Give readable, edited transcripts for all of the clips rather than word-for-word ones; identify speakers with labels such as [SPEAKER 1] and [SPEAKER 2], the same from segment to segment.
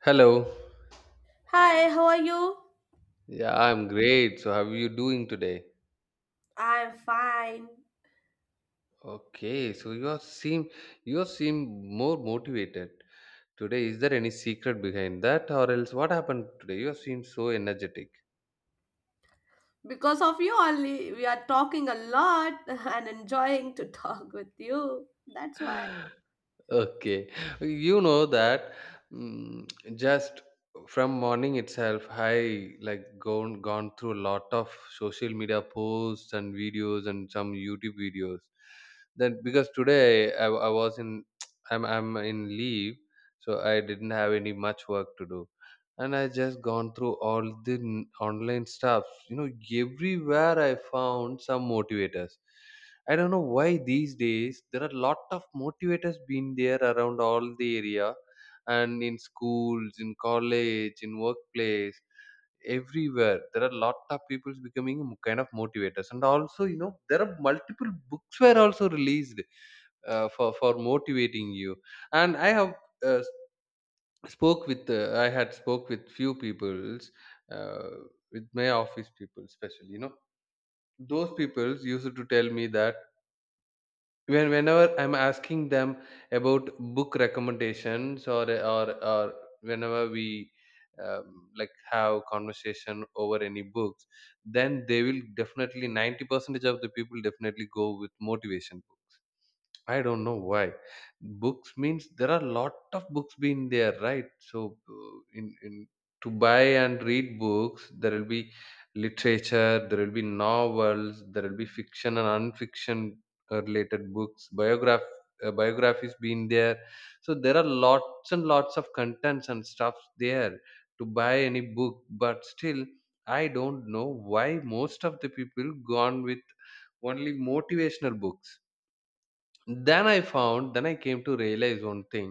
[SPEAKER 1] Hello.
[SPEAKER 2] Hi, how are you?
[SPEAKER 1] Yeah, I'm great. So how are you doing today?
[SPEAKER 2] I'm fine.
[SPEAKER 1] Okay, so you seem more motivated today. Is there any secret behind that or else what happened today? You seem so energetic.
[SPEAKER 2] Because of you only, we are talking a lot and enjoying to talk with you. That's why.
[SPEAKER 1] Okay. You know that mm, just from morning itself, I like gone through a lot of social media posts and videos and some YouTube videos. Then because today I was in I'm in leave, so I didn't have any much work to do. And I just gone through all the online stuff. Everywhere I found some motivators. I don't know why these days there are a lot of motivators being there around all the area, and in schools, in college, in workplace, everywhere. There are a lot of people becoming kind of motivators. And also, there are multiple books were also released for motivating you. And uh, I had spoke with few peoples, uh, with my office people especially, those peoples used to tell me that whenever I'm asking them about book recommendations or or whenever we um, like have conversation over any books. Then they will definitely 90 percentage of the people definitely go with motivation books. I don't know why. Books means there are lot of books being there, right? So in to buy and read books, there will be literature, there will be novels, there will be fiction and unfiction related books, biographies being there. So there are lots and lots of contents and stuffs there to buy any book, but still I don't know why most of the people gone with only motivational books. Then I came to realize one thing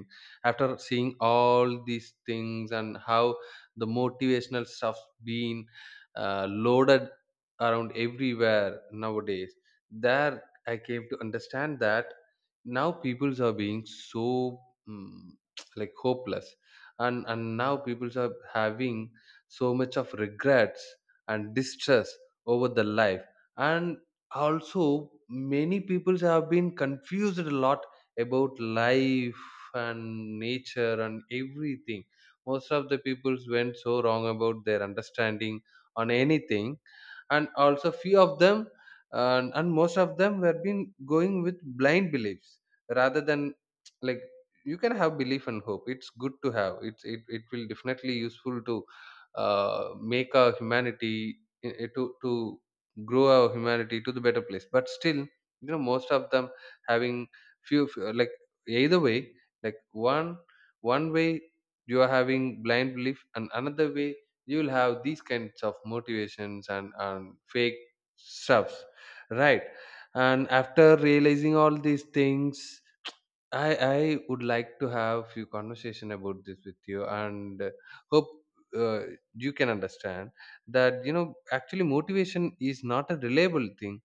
[SPEAKER 1] after seeing all these things and how the motivational stuff being loaded around everywhere nowadays. There I came to understand that now peoples are being so mm like hopeless. And now peoples are having so much of regrets and distress over the life. And also many peoples have been confused a lot about life and nature and everything. Most of the peoples went so wrong about their understanding on anything. And also few of them, and most of them were been going with blind beliefs, rather than like, you can have belief and hope. It's good to have. It will definitely useful to make a humanity, to grow our humanity to the better place. But still most of them having few like either way. Like, one way you are having blind belief, and another way you will have these kinds of motivations and fake stuffs, right? And after realizing all these things, I would like to have few conversation about this with you, and hope uh, you can understand that actually motivation is not a reliable thing,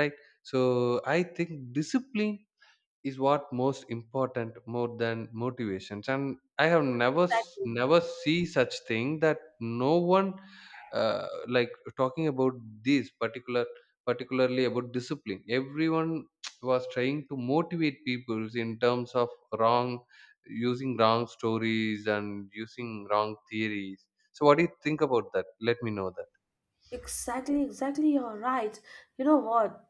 [SPEAKER 1] right? So I think discipline is what most important, more than motivations. And I have never s-
[SPEAKER 2] Exactly,
[SPEAKER 1] never see such thing that no one like talking about this particularly about discipline. Everyone was trying to motivate people in terms of wrong using wrong stories and using wrong theories. So what do you think about that? Let me know that.
[SPEAKER 2] exactly, exactly. You're right. You know what?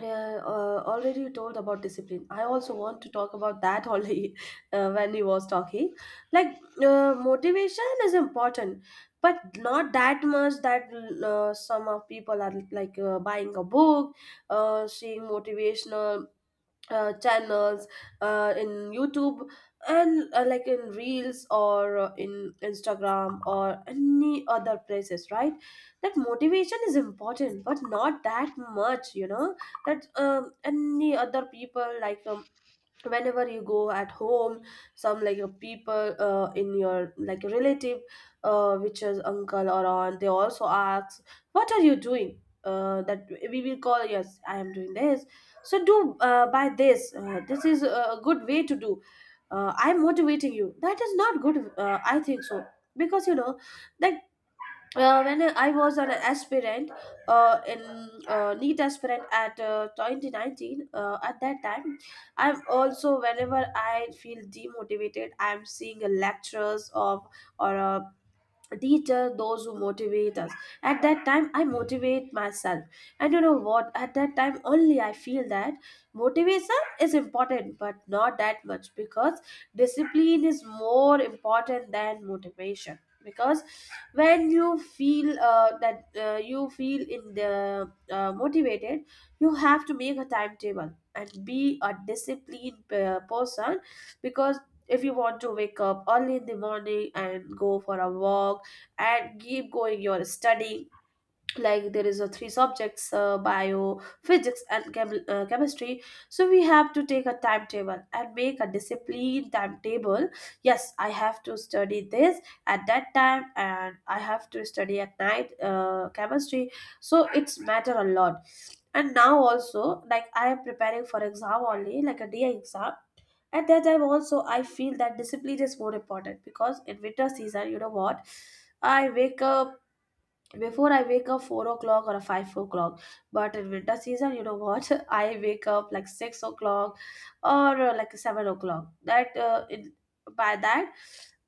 [SPEAKER 2] Uh, already you told about discipline. I also want to talk about that only when he was talking. Like, motivation is important, but not that much that some of people are like buying a book, seeing motivational channels in YouTube and like in Reels or in Instagram or any other places, right? That motivation is important, but not that much. That any other people, like whenever you go at home, some like your people, in your like your relative, which is uncle or aunt, they also ask what are you doing, that we will call, yes I am doing this, so do buy this, this is a good way to do, I'm motivating you. That is not good, I think so. Because you know that when I was an aspirant, in NEET aspirant at 2019, at that time, I'm also, whenever I feel demotivated, I'm seeing a lectures of, or a, these are those who motivate us. At that time I motivate myself, and you know what, at that time only I feel that motivation is important but not that much, because discipline is more important than motivation. Because when you feel that you feel in the motivated, you have to make a timetable and be a disciplined person. Because if you want to wake up early in the morning and go for a walk, and keep going your study, like there is a three subjects, bio, physics and chemistry, so we have to take a timetable and make a discipline timetable. Yes, I have to study this at that time, and I have to study at night chemistry, so it's matter a lot. And now also, like I am preparing for exam, only like a day exam. At that time also I feel that discipline is more important, because in winter season, you know what, I wake up, before I wake up 4 o'clock or a 5 o'clock. But in winter season, you know what? I wake up like 6 o'clock or like 7 o'clock. That by that,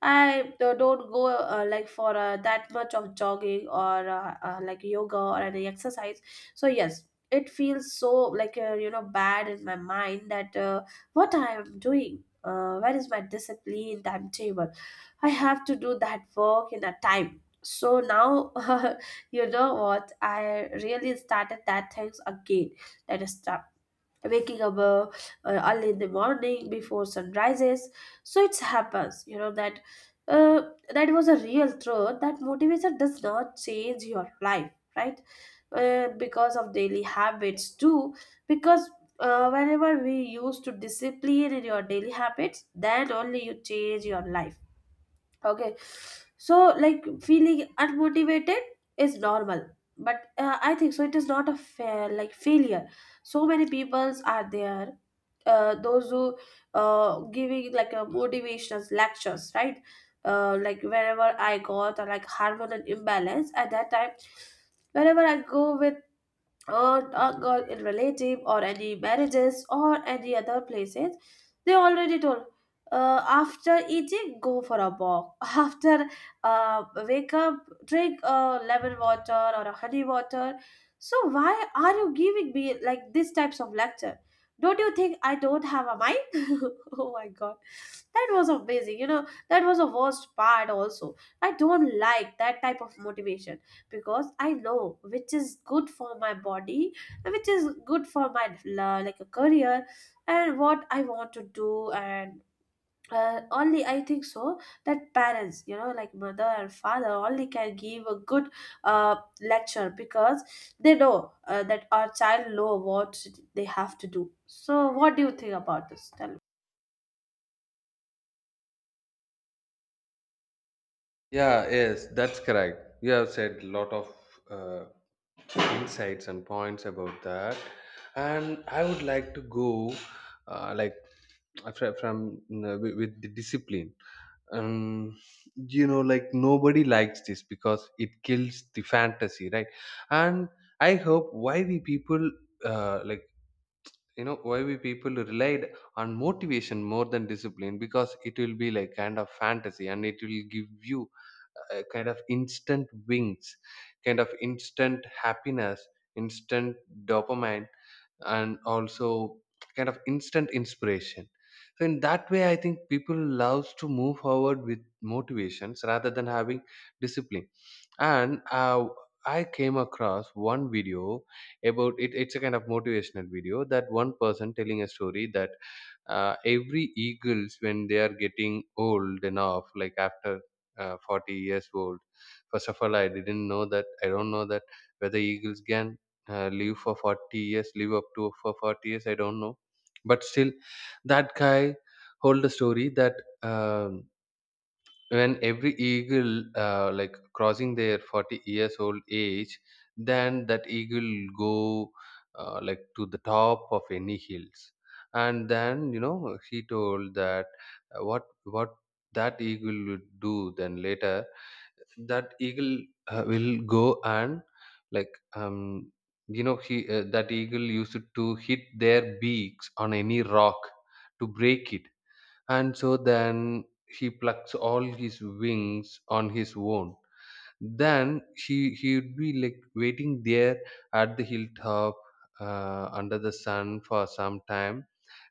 [SPEAKER 2] I don't go like for that much of jogging or like yoga or any exercise. So yes. It feels so like, you know, bad in my mind that what I am doing, where is my discipline timetable? I have to do that work in a time, so now you know what, I really started that things again. That is stop waking up early in the morning before sun rises. So it happens. You know that uh, that was a real truth, that motivation does not change your life, right? Because of daily habits too. Because whenever we used to discipline in your daily habits, then only you change your life. Okay, so like feeling unmotivated is normal, but I think so, it is not a fair, like, failure. So many peoples are there, those who giving like a motivational lectures, right? Like wherever I got, or like hormonal imbalance, at that time, whenever I go with or uncle in relative or any marriages or any other places, they already told, after eating go for a walk, after wake up drink lemon water or a honey water. So why are you giving me like these types of lecture? Don't you think I don't have a mind? Oh my god, that was amazing, you know, that was the worst part also. I don't like that type of motivation, because I know which is good for my body, and which is good for my like a career, and what I want to do. And only I think so that parents, you know, like mother and father only can give a good lecture, because they know that our child know what they have to do. So what do you think about this, tell me?
[SPEAKER 1] Yeah, yes, that's correct. You have said a lot of uh, insights and points about that, and I would like to go like from with the discipline. um like, nobody likes this because it kills the fantasy, right? And I hope why we people like, why we people relied on motivation more than discipline, because it will be like kind of fantasy, and it will give you a kind of instant wings, kind of instant happiness, instant dopamine, and also kind of instant inspiration. So in that way, I think people loves to move forward with motivations rather than having discipline. And I came across one video about it. It's a kind of motivational video, that one person telling a story that every eagles, when they are getting old enough, like after 40 years old. First of all, I don't know that whether eagles can live for 40 years, live up to for 40 years, I don't know. But still, that guy hold the story that um, when every eagle like crossing their 40 years old age, then that eagle go like to the top of any hills. And then he told that what that eagle would do then later. That eagle will go and like you know he that eagle used to hit their beaks on any rock to break it. And so then he plucks all his wings on his own. Then he would be like waiting there at the hilltop under the sun for some time,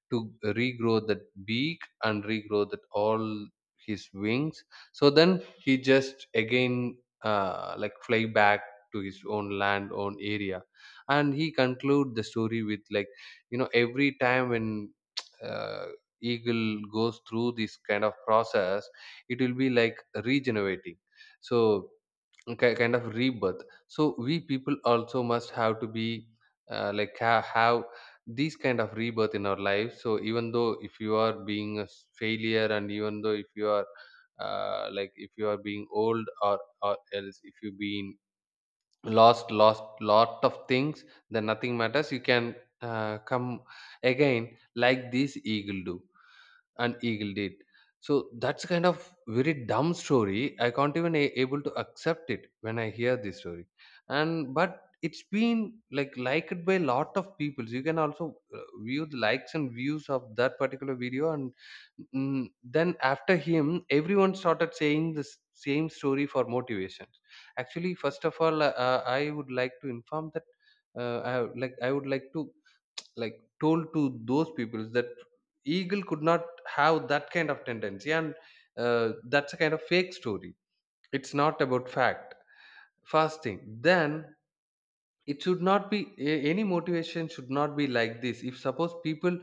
[SPEAKER 1] to regrow that beak and regrow that all his wings. So then he just again like fly back to his own land, own area. And he conclude the story with like, every time when uh, eagle goes through this kind of process, it will be like regenerating, so kind of rebirth. So we people also must have to be like have these kind of rebirth in our lives. So even though if you are being a failure, and even though if you are being old, or else if you've been lost lot of things, then nothing matters. You can come again like this eagle do, and eagle did. So that's kind of very dumb story. I can't even able to accept it when I hear this story. And but it's been like liked by a lot of people. You can also view the likes and views of that particular video. And then after him everyone started saying the same story for motivations. Actually, first of all, I would like to inform that I would like to told to those people that eagle could not have that kind of tendency, and that's a kind of fake story. It's not about fact, first thing. Then it should not be a- any motivation should not be like this. If suppose people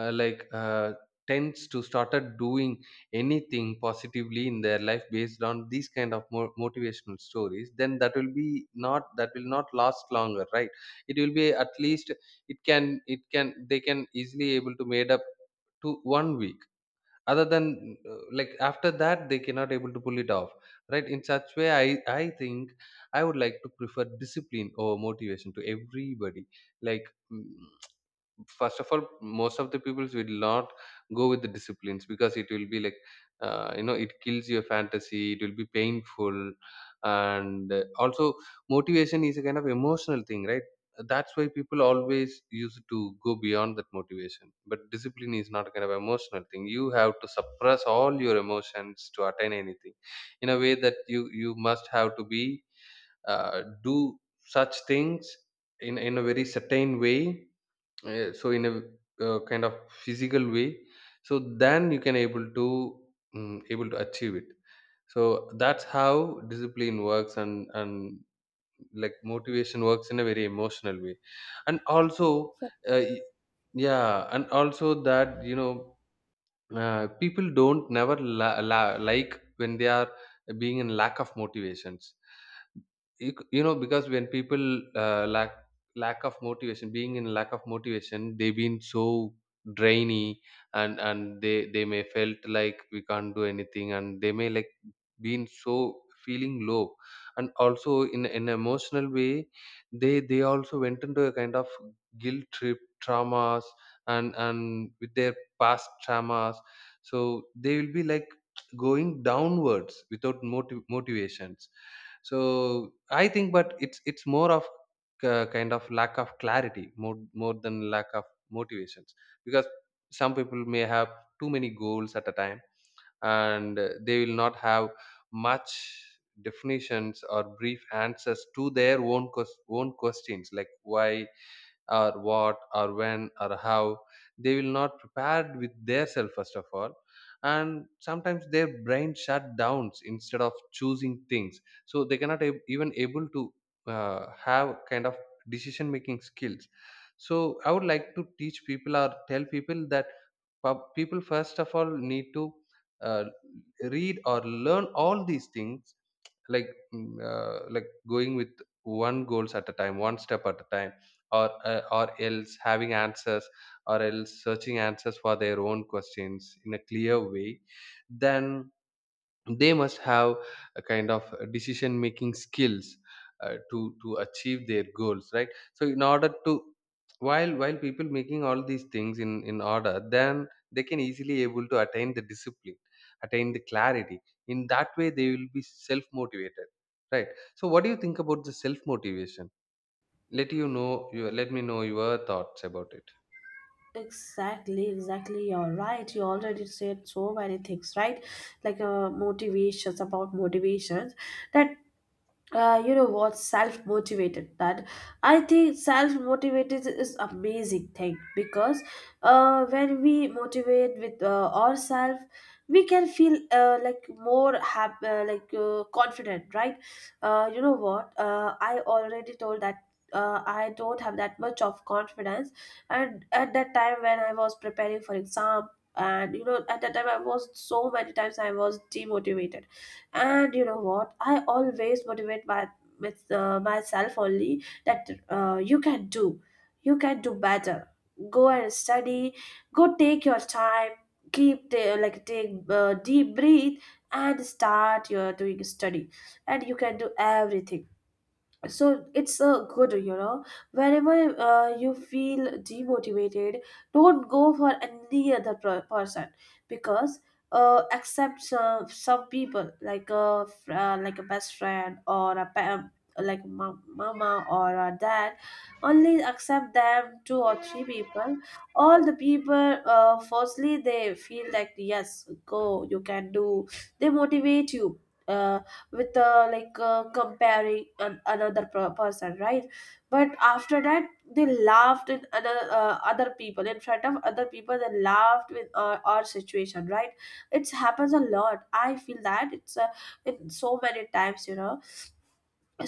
[SPEAKER 1] like tends to started doing anything positively in their life based on these kind of motivational stories, then that will not last longer, right? It will be at least, it can, they can easily able to made up to 1 week. Other than like, after that they cannot able to pull it off, right? In such way, I think I would like to prefer discipline over motivation to everybody. Like, mm, first of all, most of the people will not go with the disciplines, because it will be like it kills your fantasy, it will be painful. And also, motivation is a kind of emotional thing, right? That's why people always used to go beyond that motivation. But discipline is not a kind of emotional thing, you have to suppress all your emotions to attain anything in a way that you must have to be do such things in a very certain way. So in a kind of physical way. So then you can able to achieve it. So that's how discipline works. And like motivation works in a very emotional way. And also uh, y- yeah, and also that people don't never like when they are being in lack of motivations. You know, because when people uh, lack lack of motivation, being in lack of motivation, they've been so drainy. And they may felt like we can't do anything, and they may like been so feeling low. And also in an emotional way, they also went into a kind of guilt trip, traumas, and with their past traumas. So they will be like going downwards without motivations. So I think, but it's more of kind of lack of clarity, more than lack of motivations, because some people may have too many goals at a time, and they will not have much definitions or brief answers to their own questions, like why or what or when or how. They will not prepared with their self, first of all. And sometimes their brain shut downs instead of choosing things, so they cannot even able to have kind of decision making skills. So I would like to teach people or tell people that people first of all need to uh, read or learn all these things, like Like going with one goals at a time, one step at a time, or else having answers, or else searching answers for their own questions in a clear way. Then they must have a kind of decision making skills to achieve their goals, right? So in order to, while people making all these things in order, then they can easily able to attain the discipline, attain the clarity. In that way they will be self motivated, right? So what do you think about the self motivation? Let you know, you let me know your thoughts about it.
[SPEAKER 2] Exactly, exactly. You're right. You already said so many things, right? Like, motivations, about motivations, that you know what, self-motivated, that I think self-motivated is amazing thing, because when we motivate with ourselves we can feel like more like confident, right? You know what, I already told that I don't have that much of confidence, and at that time when I was preparing for exam, and you know at that time I was, so many times I was demotivated. And you know what, I always motivate my with myself only, that you can do, you can do better, go and study, go take your time, keep the, like take deep breath and start your doing study, and you can do everything. So it's a good, you know, whenever you feel demotivated, don't go for any other person, because except some people, like a like a best friend, or a like mom, mama or a dad, only accept them, two or three people. All the people firstly they feel like, yes go, you can do, they motivate you uh, with like comparing an, another person, right? But after that they laughed in other, other people, in front of other people they laughed with our situation, right? It happens a lot, I feel that, it's in so many times, you know.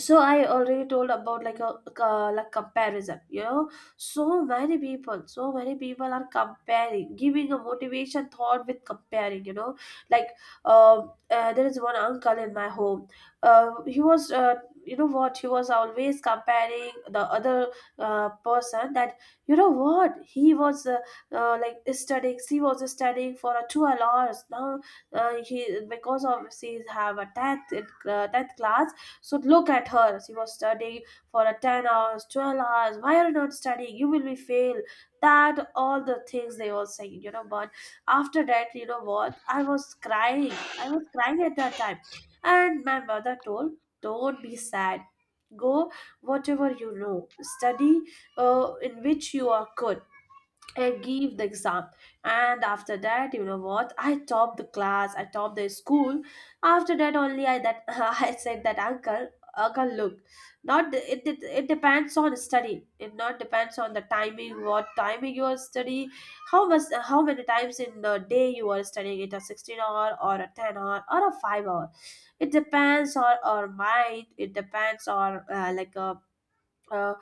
[SPEAKER 2] So I already told about, like a like comparison, you know, so many people, so many people are comparing, giving a motivation thought with comparing, you know. Like, there is one uncle in my home. He was, you know what, he was always comparing the other person. That, you know what, he was, like studying, she was studying for 12 hours now. He, because of she have a 10th, in 10th class, so look at her, she was studying for a 10 hours, 12 hours. Why are you not studying? You will be fail. That all the things they were saying, you know. But after that, you know what? I was crying. I was crying at that time. And my mother told, don't be sad, go whatever you know, study in which you are good. I gave the exam, and after that, you know what? I topped the class, I topped the school. After that, only I that I said that, uncle, uncle, look, not it. It depends on study. It not depends on the timing. What timing you are study? How much? How many times in the day you are studying? It a 16 hour, or a 10 hour, or a 5 hour. It depends on our mind. It depends on like a, Uh,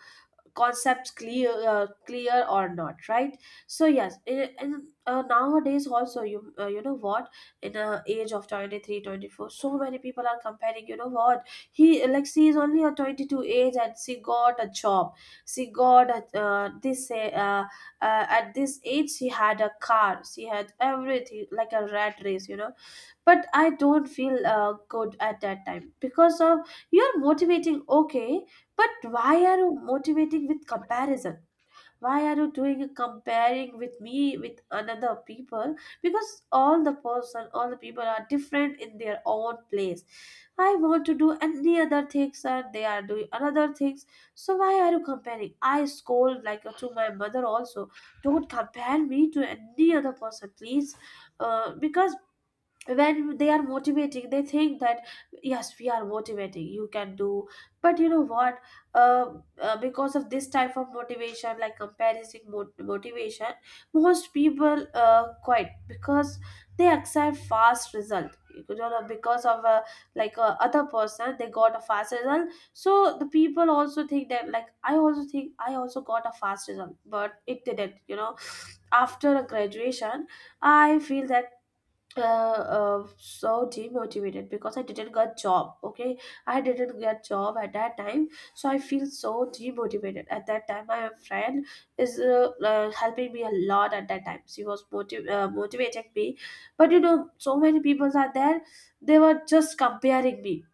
[SPEAKER 2] concepts clear, clear or not, right? So yes, nowadays also you, you know what, in a age of 23, 24, so many people are comparing, you know what, he, like, she is only a 22 age and she got a job, she got a, this uh, at this age she had a car, she had everything, like a rat race, you know. But I don't feel good at that time, because of, you're motivating, okay, but why are you motivating with comparison? Why are you doing a comparing with me with another people? Because all the person, all the people are different in their own place. I want to do any other things and they are doing another things. So why are you comparing? I scold like, to my mother also, don't compare me to any other person please. Because when they are motivating they think that, yes we are motivating, you can do, but you know what, uh, because of this type of motivation, like comparison motivation, most people quit, because they accept fast result, you know. Because of a, like a, other person they got a fast result, so the people also think that, like I also think, I also got a fast result, but it didn't, you know. After a graduation, I feel that, uh, so demotivated, because I didn't get job. Okay, I didn't get job at that time, so I feel so demotivated at that time. My friend is, helping me a lot at that time. She was motivating me, but you know, so many people are there. They were just comparing me.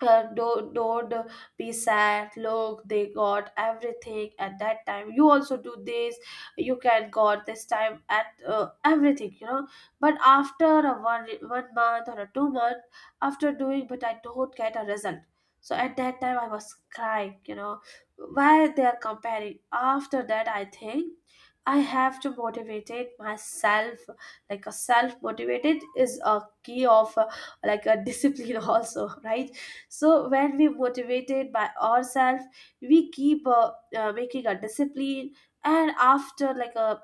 [SPEAKER 2] Don't be sad, look, they got everything at that time, you also do this, you can got this time at everything. But after a one month or a 2 month, after doing, but I don't get a result. So at that time I was crying, you know why they are comparing. After that I think I have to motivate it myself. Like a self motivated is a key of like a discipline also, right? So when we motivated by ourselves, we keep making a discipline. And after like a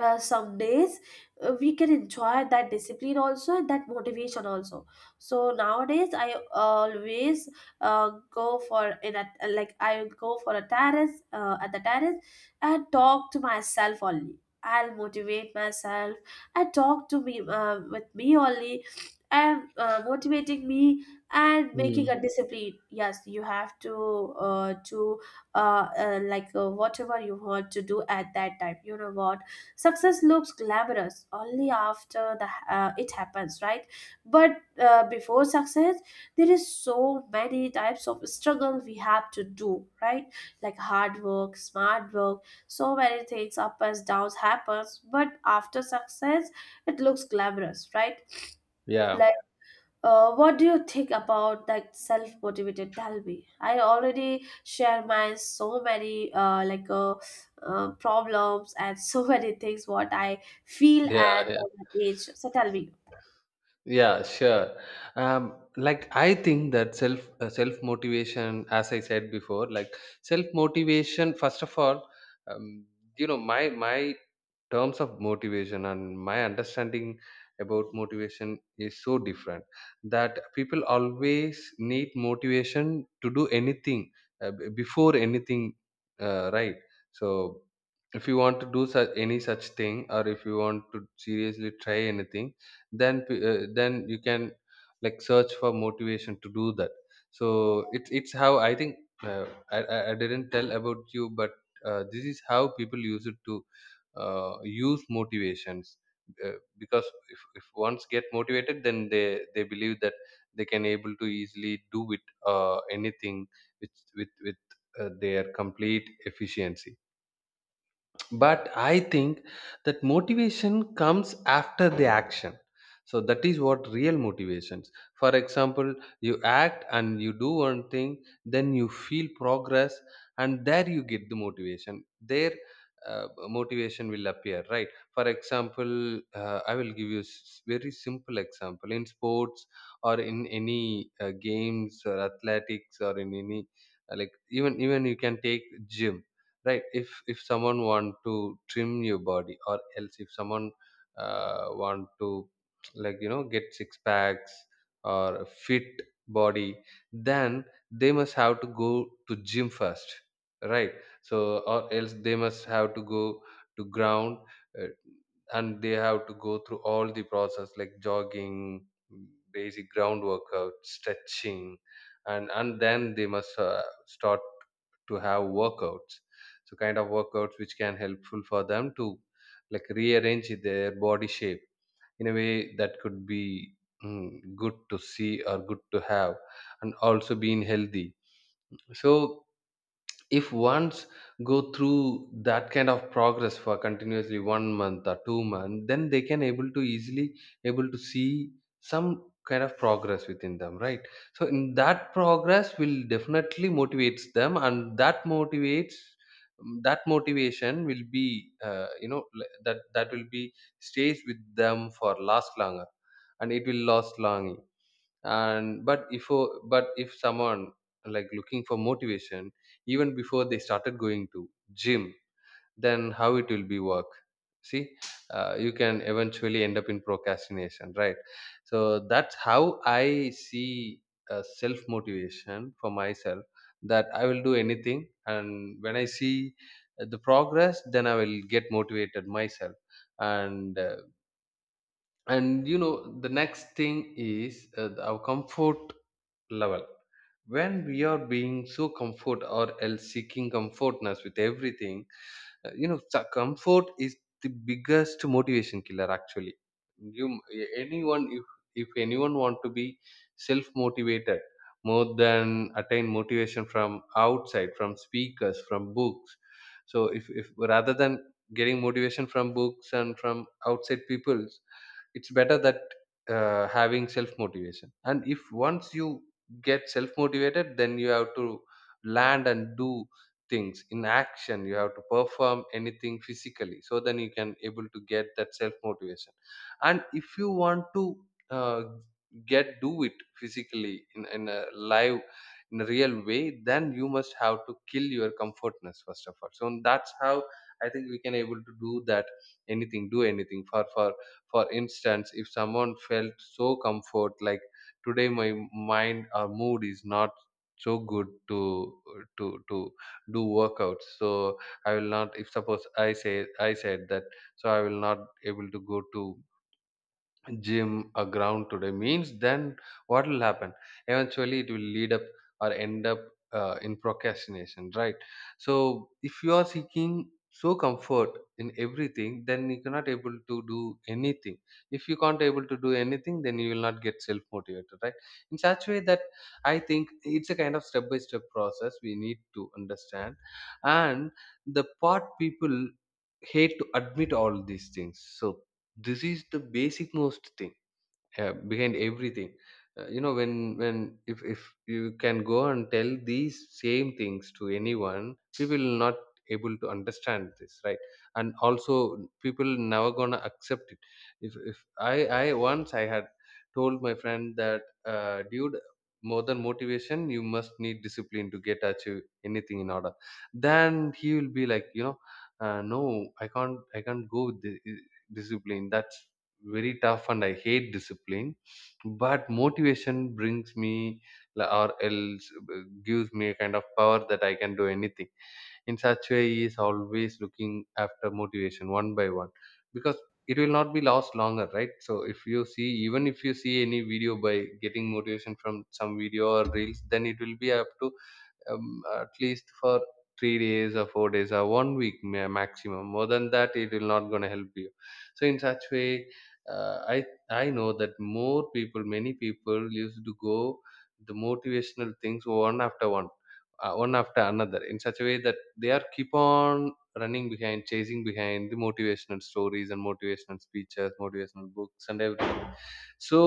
[SPEAKER 2] some days, we can enjoy that discipline also and that motivation also. So nowadays I always uh, go for in a, like I go for a terrace, at the terrace, and talk to myself only. I'll motivate myself. I talk to me, with me only. I'm motivating me and making
[SPEAKER 1] Hmm.
[SPEAKER 2] a discipline. Yes, you have to like whatever you want to do at that time, you know what? Success looks glamorous only after the it happens, right? But before success, there is so many types of struggle we have to do, right? Like hard work, smart work, so many things up and downs happens. But after success, it looks glamorous, right?
[SPEAKER 1] Yeah,
[SPEAKER 2] What do you think about that self-motivated? Tell me. I already share my so many like problems and so many things what I feel at
[SPEAKER 1] yeah yeah
[SPEAKER 2] that age. So tell me.
[SPEAKER 1] yeah, sure. Um, like I think that self motivation, as I said before, like self motivation first of all, um, you know, my terms of motivation and my understanding about motivation is so different, that people always need motivation to do anything, before anything, right. So if you want to do such any such thing, or if you want to seriously try anything, then then you can like search for motivation to do that. So it's how I think. Uh, I, I I didn't tell about you, but this is how people use it to use motivations, uh, because if once get motivated, then they believe that they can able to easily do with anything, with with their complete efficiency. But I think that motivation comes after the action. So that is what real motivations. For example, you act and you do one thing, then you feel progress, and there you get the motivation there. Motivation will appear, right? For example, I will give you very simple example in sports or in any games or athletics, or in any like even you can take gym. Right, if someone want to trim your body, or else if someone want to, like you know, get six packs, or a fit body, then they must have to go to gym first, right? So or else they must have to go to ground, uh, and they have to go through all the process, like jogging, basic ground workout, stretching, and then they must start to have workouts. So kind of workouts which can helpful for them to like rearrange their body shape in a way that could be mm, good to see or good to have, and also being healthy. So if once go through that kind of progress for continuously 1 month or 2 month, then they can able to easily able to see some kind of progress within them, right? So in that progress will definitely motivates them, and that motivates, that motivation will be, that that will be stays with them for last longer, and it will last long. And but if but if someone like looking for motivation even before they started going to gym, then how it will be work. See, you can eventually end up in procrastination, right? So that's how I see self motivation for myself. That I will do anything, and when I see the progress, then I will get motivated myself. And and you know, the next thing is our comfort level. When we are being so comfort, or else seeking comfortness with everything, you know, comfort is the biggest motivation killer actually. You, anyone, if anyone want to be self motivated more than attain motivation from outside, from speakers, from books. So if rather than getting motivation from books and from outside people, it's better that having self motivation. And if once you get self motivated, then you have to land and do things in action, you have to perform anything physically, so then you can able to get that self motivation. And if you want to uh, get do it physically in a live, in a real way, then you must have to kill your comfortness first of all. So that's how I think we can able to do that anything, do anything. For for instance, if someone felt so comfort like, today my mind or mood is not so good to to do workouts, so I will not, if suppose I say, I said that, so I will not able to go to gym a ground today means, then what will happen? Eventually it will lead up or end up in procrastination, right? So if you are seeking so comfort in everything, then you cannot able to do anything. If you can't able to do anything, then you will not get self motivated, right? In such way, that I think it's a kind of step by step process we need to understand. And the part people hate to admit all these things, so this is the basic most thing behind everything. You know, when if you can go and tell these same things to anyone, people will not able to understand this, right? And also people never gonna accept it. If I once I had told my friend that dude, more than motivation you must need discipline to get achieve anything in order, then he will be like, you know, no, I can't go with the discipline, that's very tough, and I hate discipline, but motivation brings me la- or else gives me a kind of power that I can do anything. In such way, he is always looking after motivation, one by one, because it will not be lost longer, right? So if you see, even if you see any video, by getting motivation from some video or reels, then it will be up to at least for 3 days or 4 days or one week, maximum. More than that, it will not going to help you. So in such way, uh, i I know that more people, many people used to go the motivational things one after one, one after another, in such a way that they are keep on running behind, chasing behind the motivational stories and motivational speeches, motivational books and everything. So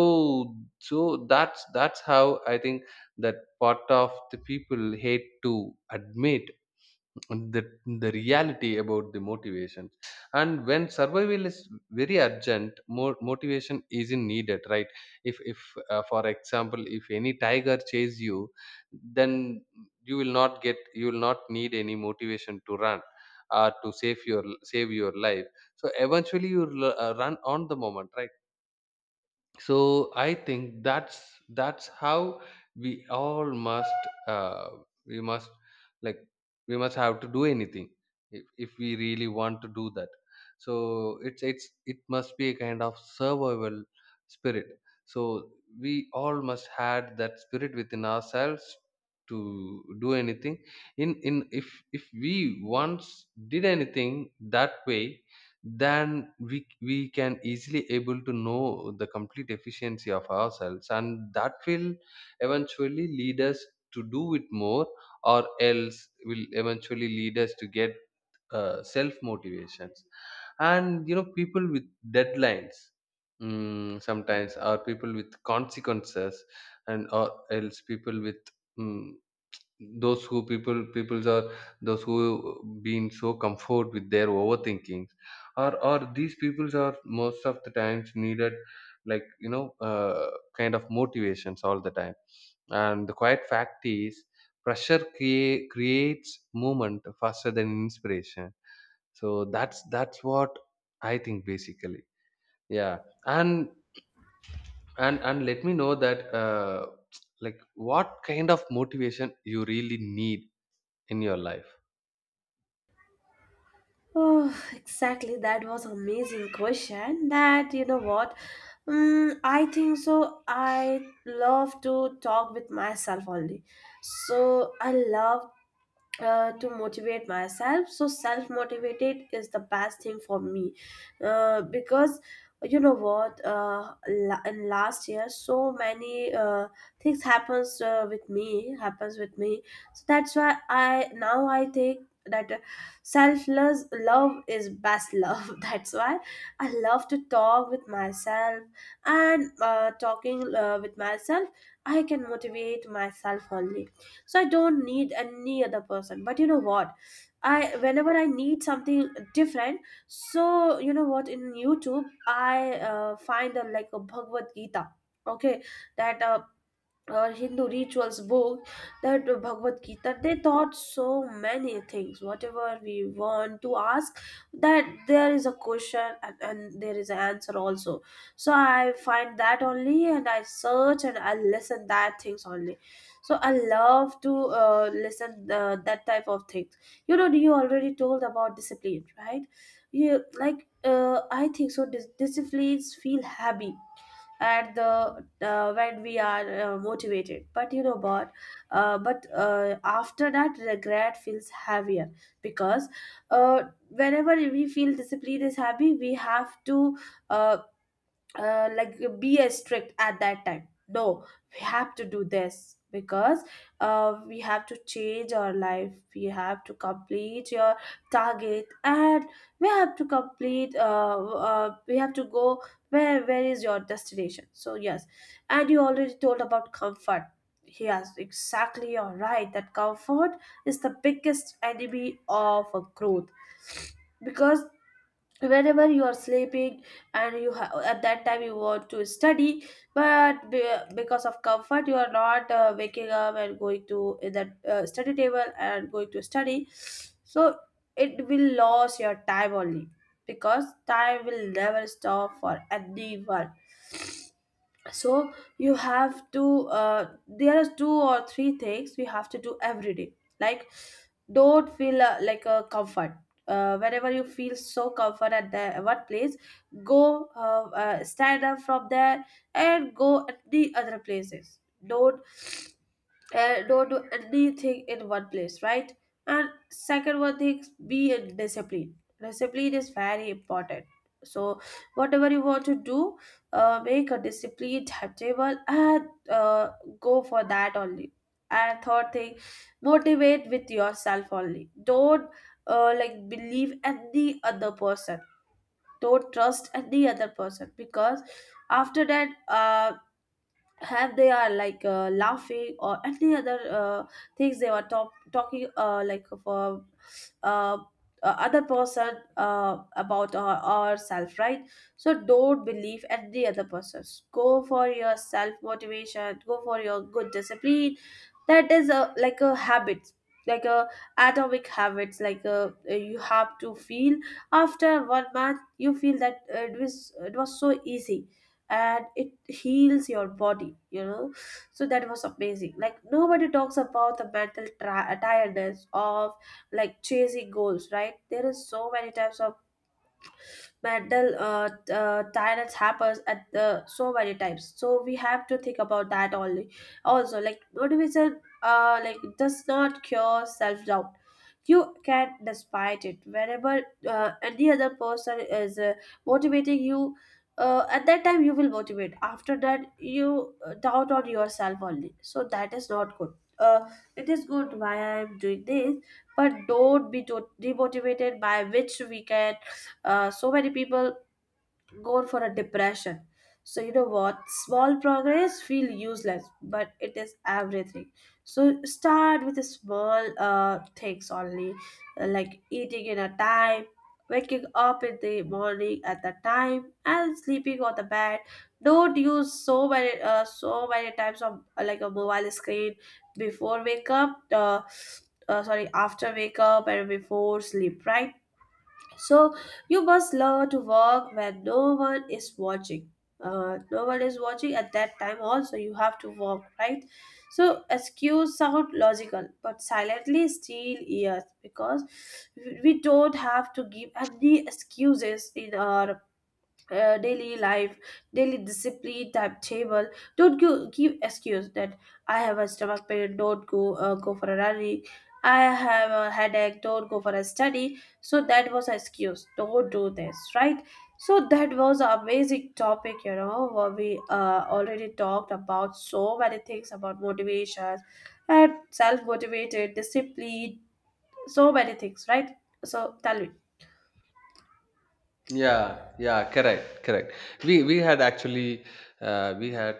[SPEAKER 1] so that's how I think that part of the people hate to admit the, the reality about the motivation. And when survival is very urgent, more motivation isn't needed, right? If For example, if any tiger chase you, then you will not get, you will not need any motivation to run to save your, save your life. So eventually you will run on the moment, right? So I think that's how we all must, uh, we must, like we must have to do anything, if we really want to do that. So it's it must be a kind of survival spirit. So we all must had that spirit within ourselves to do anything. In if we once did anything that way, then we can easily able to know the complete efficiency of ourselves, and that will eventually lead us to do it more, or else will eventually lead us to get self motivations. And you know, people with deadlines, sometimes are people with consequences, and or else people with mm those who people peoples are, those who been so comfort with their overthinkings, or these peoples are most of the times needed, like you know, kind of motivations all the time. And the quiet fact is, pressure creates movement faster than inspiration. So that's what I think basically. Yeah. And and and let me know that like what kind of motivation you really need in your life.
[SPEAKER 2] Oh, exactly. That was amazing question. That you know what? Mm, I think so. I love to talk with myself only. So I love to motivate myself, so self motivated is the best thing for me, because you know what, in last year so many things happens with me happens with me, so that's why I now I think that selfless love is best love that's why I love to talk with myself. And talking with myself, I can motivate myself only. So I don't need any other person. But you know what, I whenever I need something different, so you know what, in YouTube I find a, like a Bhagavad Gita. Okay, that or Hindu rituals book, that Bhagavad Gita, they taught so many things. Whatever we want to ask, that there is a question and there is an answer also. So I find that only and I search and I listen that things only. So I love to listen that type of things. You know, you already told about discipline, right? You like I think so. Disciplines feel happy at the when we are motivated, but you know what, but after that regret feels heavier, because uh, whenever we feel discipline is heavy, we have to uh, like be as strict at that time, no, we have to do this, because we have to change our life, we have to complete your target, and we have to complete we have to go where is your destination, so yes. And you already told about comfort. Yes, exactly, you're right, that comfort is the biggest enemy of a growth. Because whenever you are sleeping and you at that time you want to study, but because of comfort you are not waking up and going to that study table and going to study, so it will lose your time only, because time will never stop for anyone. So you have to, there are two or three things we have to do every day. Like don't feel like a comfort. Whenever you feel so comfort at the one place, go, stand up from there and go at the other places. Don't don't do anything in one place, right? And second one thing, be in discipline. Discipline is very important. So whatever you want to do, make a disciplined timetable and go for that only. And third thing, motivate with yourself only. Don't like believe any other person. Don't trust any other person, because after that, have they are like laughing or any other things they were talking like for uh, uh, other person about ourself, right? So don't believe any other persons, go for your self motivation, go for your good discipline. That is a like a habit, like a atomic habits, like a you have to feel after one month you feel that it was so easy, and it heals your body, you know So that was amazing, like nobody talks about the mental tiredness of like chasing goals, right? There is so many types of metal tyrants happens at the so many types, so we have to think about that only. Also, like motivation, uh, like does not cure self-doubt. You can despite it whenever any other person is motivating you, at that time you will motivate. After that you doubt on yourself only, so that is not good. uh, it is good, why I am doing this, but don't be demotivated, by which we can, so many people go for a depression. So you know what? Small progress feel useless, but it is everything. So start with the small things only, like eating in a time, waking up in the morning at the time, and sleeping on the bed. Don't use so many so many types of like a mobile screen before wake up. Sorry, after wake up and before sleep, right? So you must learn to work when no one is watching. No one is watching at that time also you have to work, right? So excuse sound logical but silently steal ears, because we don't have to give any excuses in our daily life, daily discipline timetable. Don't go, give excuse that I have a stomach pain. Don't go, go for a running. I have a headache. Don't go for a study. So that was an excuse. Don't do this, right? So that was an amazing topic. You know, where we already talked about so many things about motivations and self motivated discipline. So many things, right? So tell me.
[SPEAKER 1] Yeah, yeah, correct, correct. We had actually, we had,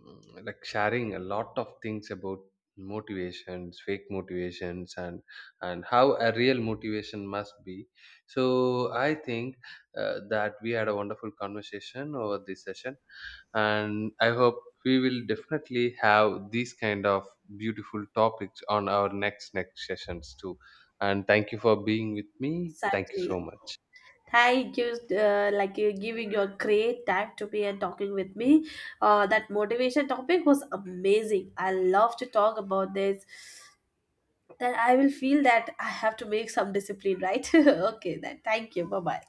[SPEAKER 1] like sharing a lot of things about motivations, fake motivations, and how a real motivation must be. So I think that we had a wonderful conversation over this session, and I hope we will definitely have these kind of beautiful topics on our next next sessions too. And thank you for being with me. Thank you
[SPEAKER 2] Exactly.
[SPEAKER 1] so much.
[SPEAKER 2] Hi, just like you giving your great time to me and talking with me. That motivation topic was amazing. I love to talk about this. Then I will feel that I have to make some discipline, right? Okay, then thank you. Bye bye.